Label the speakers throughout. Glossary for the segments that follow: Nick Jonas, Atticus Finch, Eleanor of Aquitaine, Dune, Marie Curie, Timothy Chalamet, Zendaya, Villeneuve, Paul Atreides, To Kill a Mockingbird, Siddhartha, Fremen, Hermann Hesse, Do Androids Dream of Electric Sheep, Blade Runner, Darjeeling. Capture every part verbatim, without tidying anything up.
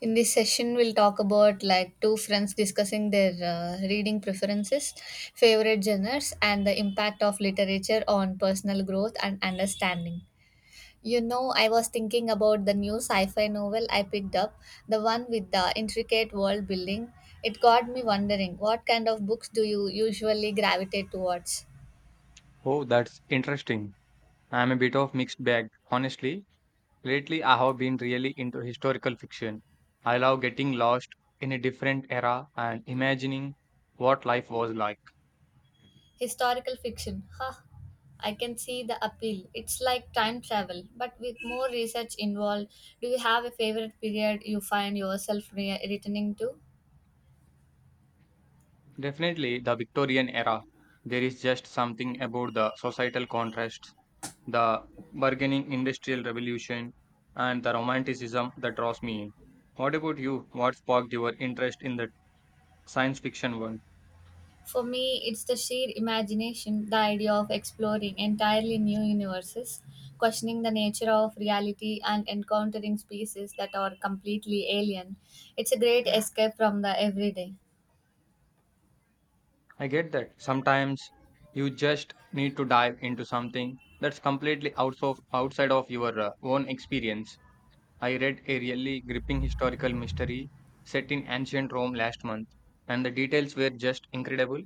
Speaker 1: In this session, we'll talk about like two friends discussing their uh, reading preferences, favorite genres, and the impact of literature on personal growth and understanding. You know, I was thinking about the new sci fi novel I picked up, the one with the intricate world building. It got me wondering what kind of books do you usually gravitate towards?
Speaker 2: Oh, that's interesting. I'm a bit of mixed bag, honestly. Lately, I have been really into historical fiction. I love getting lost in a different era and imagining what life was like.
Speaker 1: Historical fiction. Ha! I can see the appeal. It's like time travel, but with more research involved. Do you have a favorite period you find yourself re- returning to?
Speaker 2: Definitely, the Victorian era. There is just something about the societal contrasts, the bargaining industrial revolution, and the romanticism that draws me in. What about you? What sparked your interest in the science fiction one?
Speaker 1: For me, it's the sheer imagination, the idea of exploring entirely new universes, questioning the nature of reality, and encountering species that are completely alien. It's a great escape from the everyday.
Speaker 2: I get that. Sometimes you just need to dive into something that's completely outs of, outside of your uh, own experience. I read a really gripping historical mystery set in ancient Rome last month, and the details were just incredible.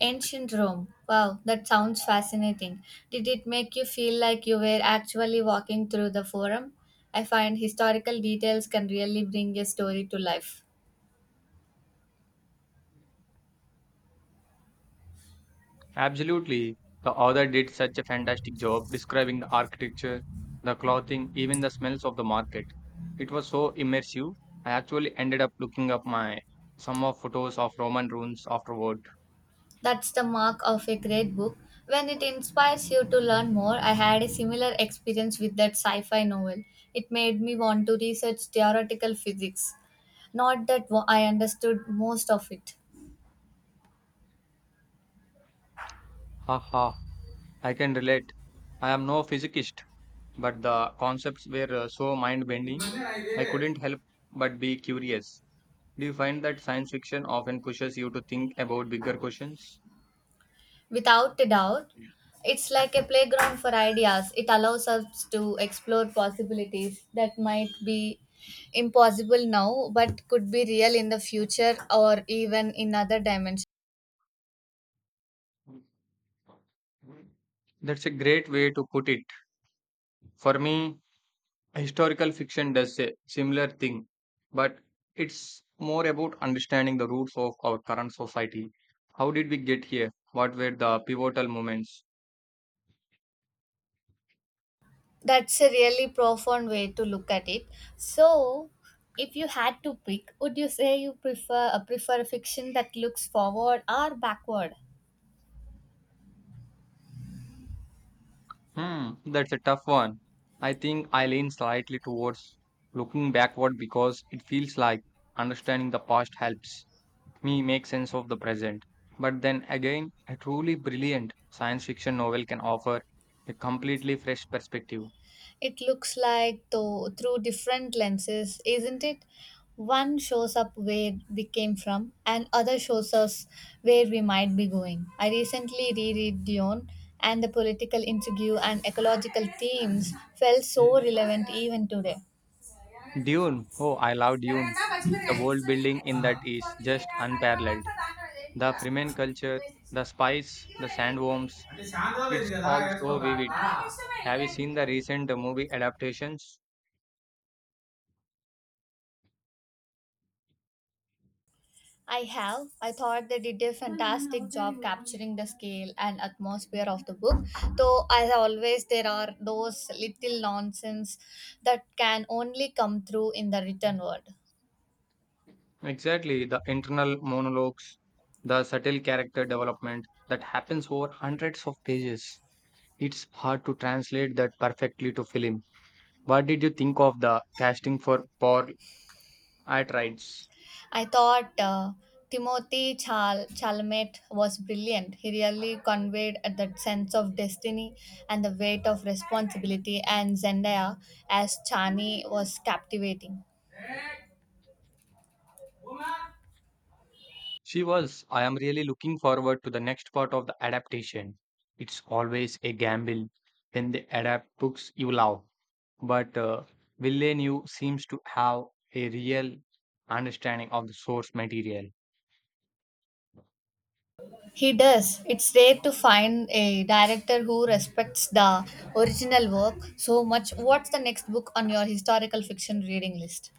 Speaker 1: Ancient Rome. Wow, that sounds fascinating. Did it make you feel like you were actually walking through the forum? I find historical details can really bring a story to life.
Speaker 2: Absolutely. The author did such a fantastic job describing the architecture, the clothing, even the smells of the market. It was so immersive. I actually ended up looking up my some of photos of Roman ruins afterward.
Speaker 1: That's the mark of a great book. When it inspires you to learn more, I had a similar experience with that sci fi novel. It made me want to research theoretical physics. Not that wo- I understood most of it.
Speaker 2: Ha ha. I can relate. I am no physicist, but the concepts were uh, so mind bending, I couldn't help but be curious. Do you find that science fiction often pushes you to think about bigger questions?
Speaker 1: Without a doubt, it's like a playground for ideas. It allows us to explore possibilities that might be impossible now but could be real in the future or even in other dimensions.
Speaker 2: That's a great way to put it. For me, historical fiction does a similar thing, but it's more about understanding the roots of our current society. How did we get here? What were the pivotal moments?
Speaker 1: That's a really profound way to look at it. So, if you had to pick, would you say you prefer uh, prefer fiction that looks forward or backward?
Speaker 2: Hmm, that's a tough one. I think I lean slightly towards looking backward because it feels like understanding the past helps me make sense of the present. But then again, a truly brilliant science fiction novel can offer a completely fresh perspective.
Speaker 1: It looks like though through different lenses, isn't it? One shows up where we came from, and other shows us where we might be going. I recently reread Dion, and the political intrigue and ecological themes felt so relevant even today.
Speaker 2: Dune, oh, I love Dune. The world building in that is just unparalleled. The Fremen culture, the spice, the sandworms, it's all so vivid. Have you seen the recent movie adaptations?
Speaker 1: I have. I thought they did a fantastic job capturing the scale and atmosphere of the book, though, as always, there are those little nonsense that can only come through in the written word.
Speaker 2: Exactly, the internal monologues, the subtle character development that happens over hundreds of pages. It's hard to translate that perfectly to film. What did you think of the casting for Paul Atreides?
Speaker 1: I thought uh, Timothy Chal- Chalamet was brilliant. He really conveyed that sense of destiny and the weight of responsibility, and Zendaya as Chani was captivating.
Speaker 2: She was. I am really looking forward to the next part of the adaptation. It's always a gamble when they adapt books you love, but uh, Villeneuve seems to have a real understanding of the source material.
Speaker 1: He does. It's rare to find a director who respects the original work so much. What's the next book on your historical fiction reading list?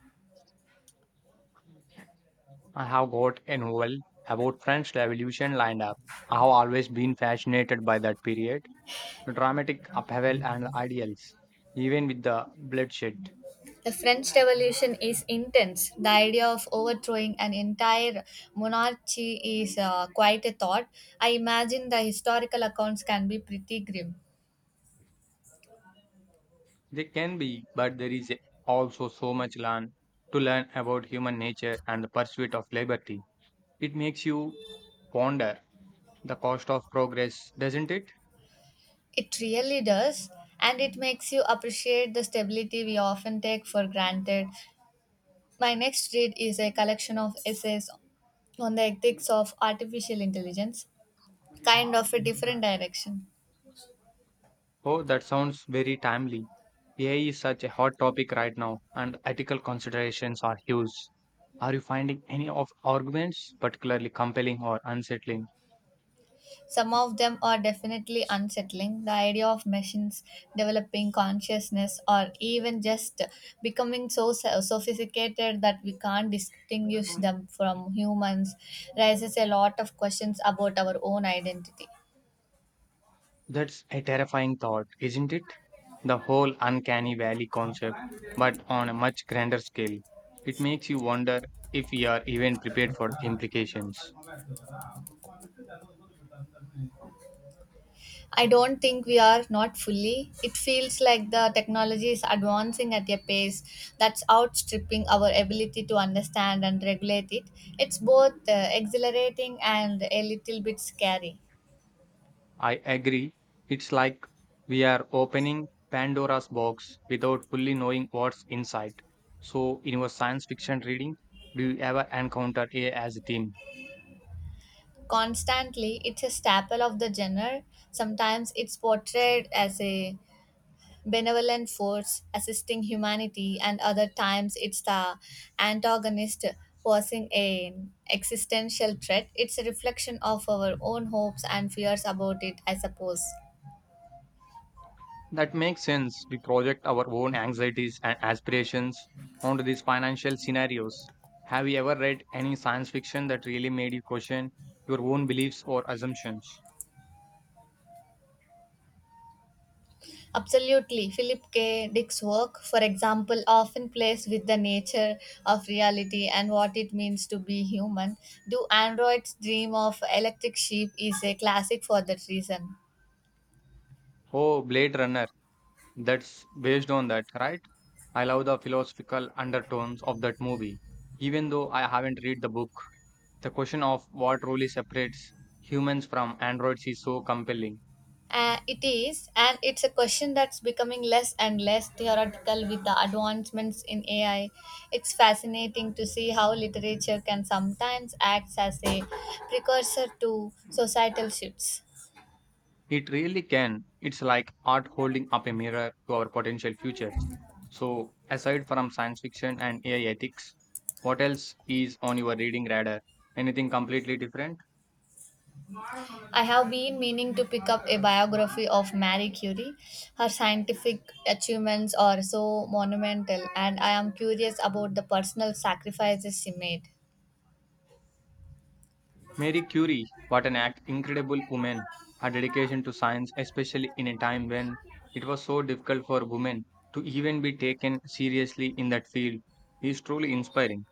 Speaker 2: I have got an novel about French Revolution lined up. I have always been fascinated by that period, the dramatic upheaval and ideals, even with the bloodshed.
Speaker 1: The French Revolution is intense. The idea of overthrowing an entire monarchy is uh, quite a thought. I imagine the historical accounts can be pretty grim.
Speaker 2: They can be, but there is also so much learn to learn about human nature and the pursuit of liberty. It makes you ponder the cost of progress, doesn't it?
Speaker 1: It really does, and it makes you appreciate the stability we often take for granted. My next read is a collection of essays on the ethics of artificial intelligence, kind of a different direction.
Speaker 2: Oh, that sounds very timely. A I is such a hot topic right now, and ethical considerations are huge. Are you finding any of arguments particularly compelling or unsettling?
Speaker 1: Some of them are definitely unsettling. The idea of machines developing consciousness or even just becoming so so- sophisticated that we can't distinguish them from humans raises a lot of questions about our own identity.
Speaker 2: That's a terrifying thought, isn't it? The whole uncanny valley concept, but on a much grander scale. It makes you wonder if we are even prepared for the implications.
Speaker 1: I don't think we are not fully. It feels like the technology is advancing at a pace that's outstripping our ability to understand and regulate it. It's both uh, exhilarating and a little bit scary.
Speaker 2: I agree. It's like we are opening Pandora's box without fully knowing what's inside. So, in your science fiction reading, do you ever encounter A I as a theme?
Speaker 1: Constantly, it's a staple of the genre. Sometimes it's portrayed as a benevolent force assisting humanity, and other times it's the antagonist posing an existential threat. It's a reflection of our own hopes and fears about it, I suppose.
Speaker 2: That makes sense. We project our own anxieties and aspirations onto these financial scenarios. Have you ever read any science fiction that really made you question your own beliefs or assumptions?
Speaker 1: Absolutely. Philip K. Dick's work, for example, often plays with the nature of reality and what it means to be human. Do Androids Dream of Electric Sheep is a classic for that reason.
Speaker 2: Oh, Blade Runner. That's based on that, right? I love the philosophical undertones of that movie. Even though I haven't read the book, the question of what really separates humans from androids is so compelling.
Speaker 1: Uh, it is, and it's a question that's becoming less and less theoretical with the advancements in A I. It's fascinating to see how literature can sometimes act as a precursor to societal shifts.
Speaker 2: It really can. It's like art holding up a mirror to our potential futures. So, aside from science fiction and A I ethics, what else is on your reading radar? Anything completely different?
Speaker 1: I have been meaning to pick up a biography of Marie Curie. Her scientific achievements are so monumental, and I am curious about the personal sacrifices she made.
Speaker 2: Mary Curie, what an act, incredible woman. Her dedication to science, especially in a time when it was so difficult for women to even be taken seriously in that field, is truly inspiring.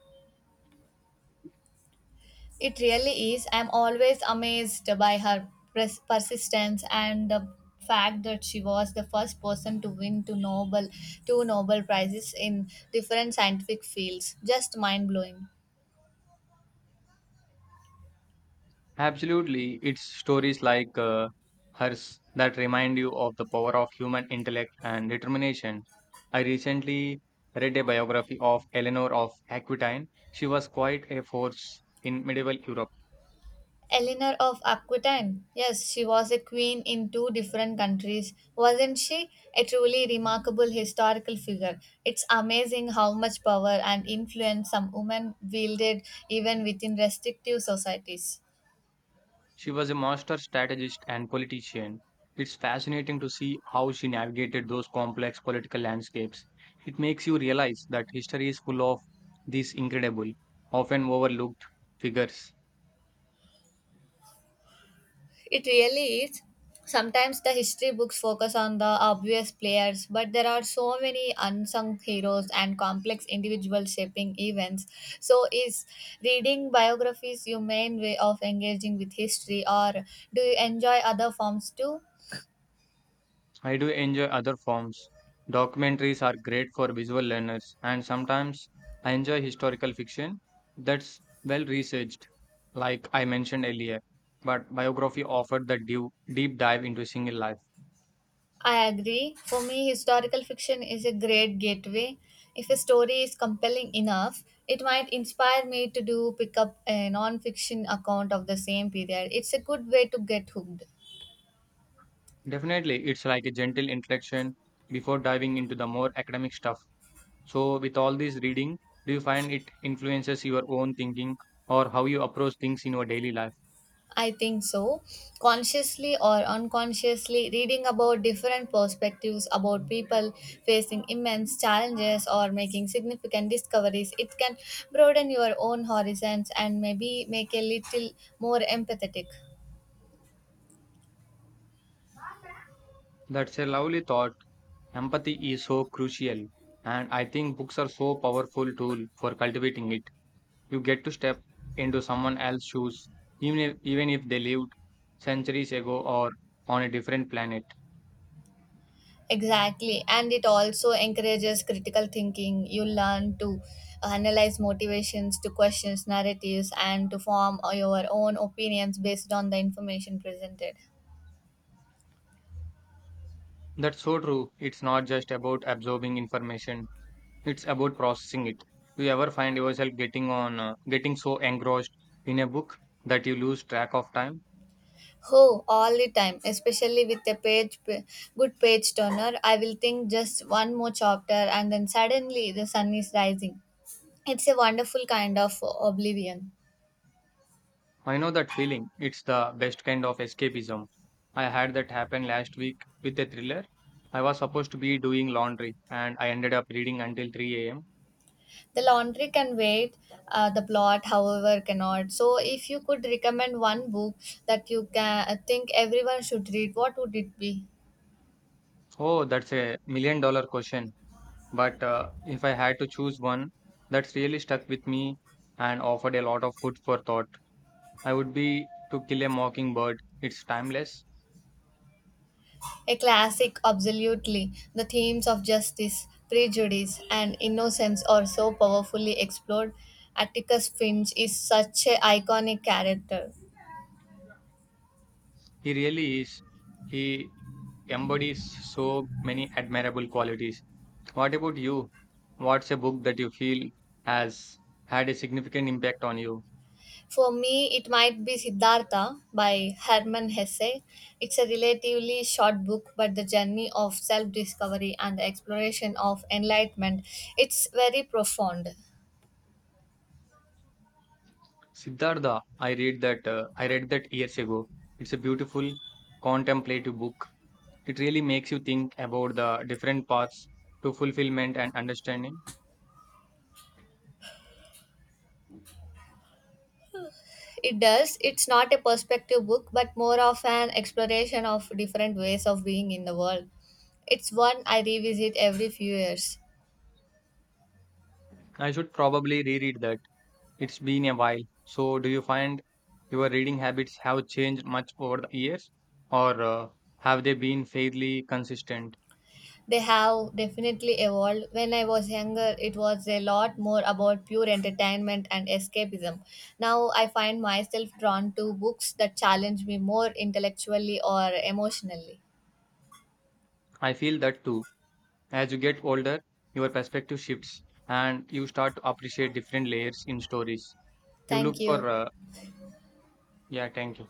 Speaker 1: It really is. I am always amazed by her pers- persistence and the fact that she was the first person to win two Nobel, two Nobel Prizes in different scientific fields. Just mind blowing.
Speaker 2: Absolutely, it's stories like uh, hers that remind you of the power of human intellect and determination. I recently read a biography of Eleanor of Aquitaine. She was quite a force in medieval Europe.
Speaker 1: Eleanor of Aquitaine. Yes, she was a queen in two different countries, wasn't she? A truly remarkable historical figure. It's amazing how much power and influence some women wielded even within restrictive societies.
Speaker 2: She was a master strategist and politician. It's fascinating to see how she navigated those complex political landscapes. It makes you realize that history is full of these incredible, often overlooked figures.
Speaker 1: It really is. Sometimes the history books focus on the obvious players, but there are so many unsung heroes and complex individual shaping events. So, is reading biographies your main way of engaging with history, or do you enjoy other forms too?
Speaker 2: I do enjoy other forms. Documentaries are great for visual learners, and sometimes I enjoy historical fiction that's well researched, like I mentioned earlier. But biography offered the deep deep dive into a single life.
Speaker 1: I agree. For me, historical fiction is a great gateway. If a story is compelling enough, it might inspire me to do pick up a non-fiction account of the same period. It's a good way to get hooked.
Speaker 2: Definitely, it's like a gentle introduction before diving into the more academic stuff. So, with all this reading, do you find it influences your own thinking or how you approach things in your daily life?
Speaker 1: I think so. Consciously or unconsciously, reading about different perspectives about people facing immense challenges or making significant discoveries, it can broaden your own horizons and maybe make a little more empathetic.
Speaker 2: That's a lovely thought. Empathy is so crucial, and I think books are so powerful tool for cultivating it. You get to step into someone else's shoes, even if, even if they lived centuries ago or on a different planet.
Speaker 1: Exactly, and it also encourages critical thinking. You learn to analyze motivations, to question narratives, and to form your own opinions based on the information presented.
Speaker 2: That's so true. It's not just about absorbing information. It's about processing it. Do you ever find yourself getting on uh, getting so engrossed in a book that you lose track of time?
Speaker 1: Oh, all the time, especially with a page, good page turner. I will think just one more chapter, and then suddenly the sun is rising. It's a wonderful kind of oblivion.
Speaker 2: I know that feeling. It's the best kind of escapism. I had that happen last week with a thriller. I was supposed to be doing laundry and I ended up reading until three a m.
Speaker 1: The laundry can wait, uh, the plot, however, cannot. So, if you could recommend one book that you can uh, think everyone should read, what would it be?
Speaker 2: Oh, that's a million dollar question. But uh, if I had to choose one that's really stuck with me and offered a lot of food for thought, I would be To Kill a Mockingbird. It's timeless.
Speaker 1: A classic, absolutely. The themes of justice, prejudice, and innocence are so powerfully explored. Atticus Finch is such an iconic character.
Speaker 2: He really is. He embodies so many admirable qualities. What about you? What's a book that you feel has had a significant impact on you?
Speaker 1: For me, it might be Siddhartha by Hermann Hesse. It's a relatively short book, but the journey of self discovery and the exploration of enlightenment it's very profound.
Speaker 2: Siddhartha, I read that uh, I read that years ago. It's a beautiful contemplative book. It really makes you think about the different paths to fulfillment and understanding.
Speaker 1: It does. It's not a perspective book, but more of an exploration of different ways of being in the world. It's one I revisit every few years.
Speaker 2: I should probably reread that. It's been a while. So, do you find your reading habits have changed much over the years, or uh, have they been fairly consistent?
Speaker 1: They have definitely evolved. When I was younger, it was a lot more about pure entertainment and escapism. Now I find myself drawn to books that challenge me more intellectually or emotionally.
Speaker 2: I feel that too. As you get older, your perspective shifts and you start to appreciate different layers in stories. You look
Speaker 1: Thank you.
Speaker 2: for, uh, yeah, thank you.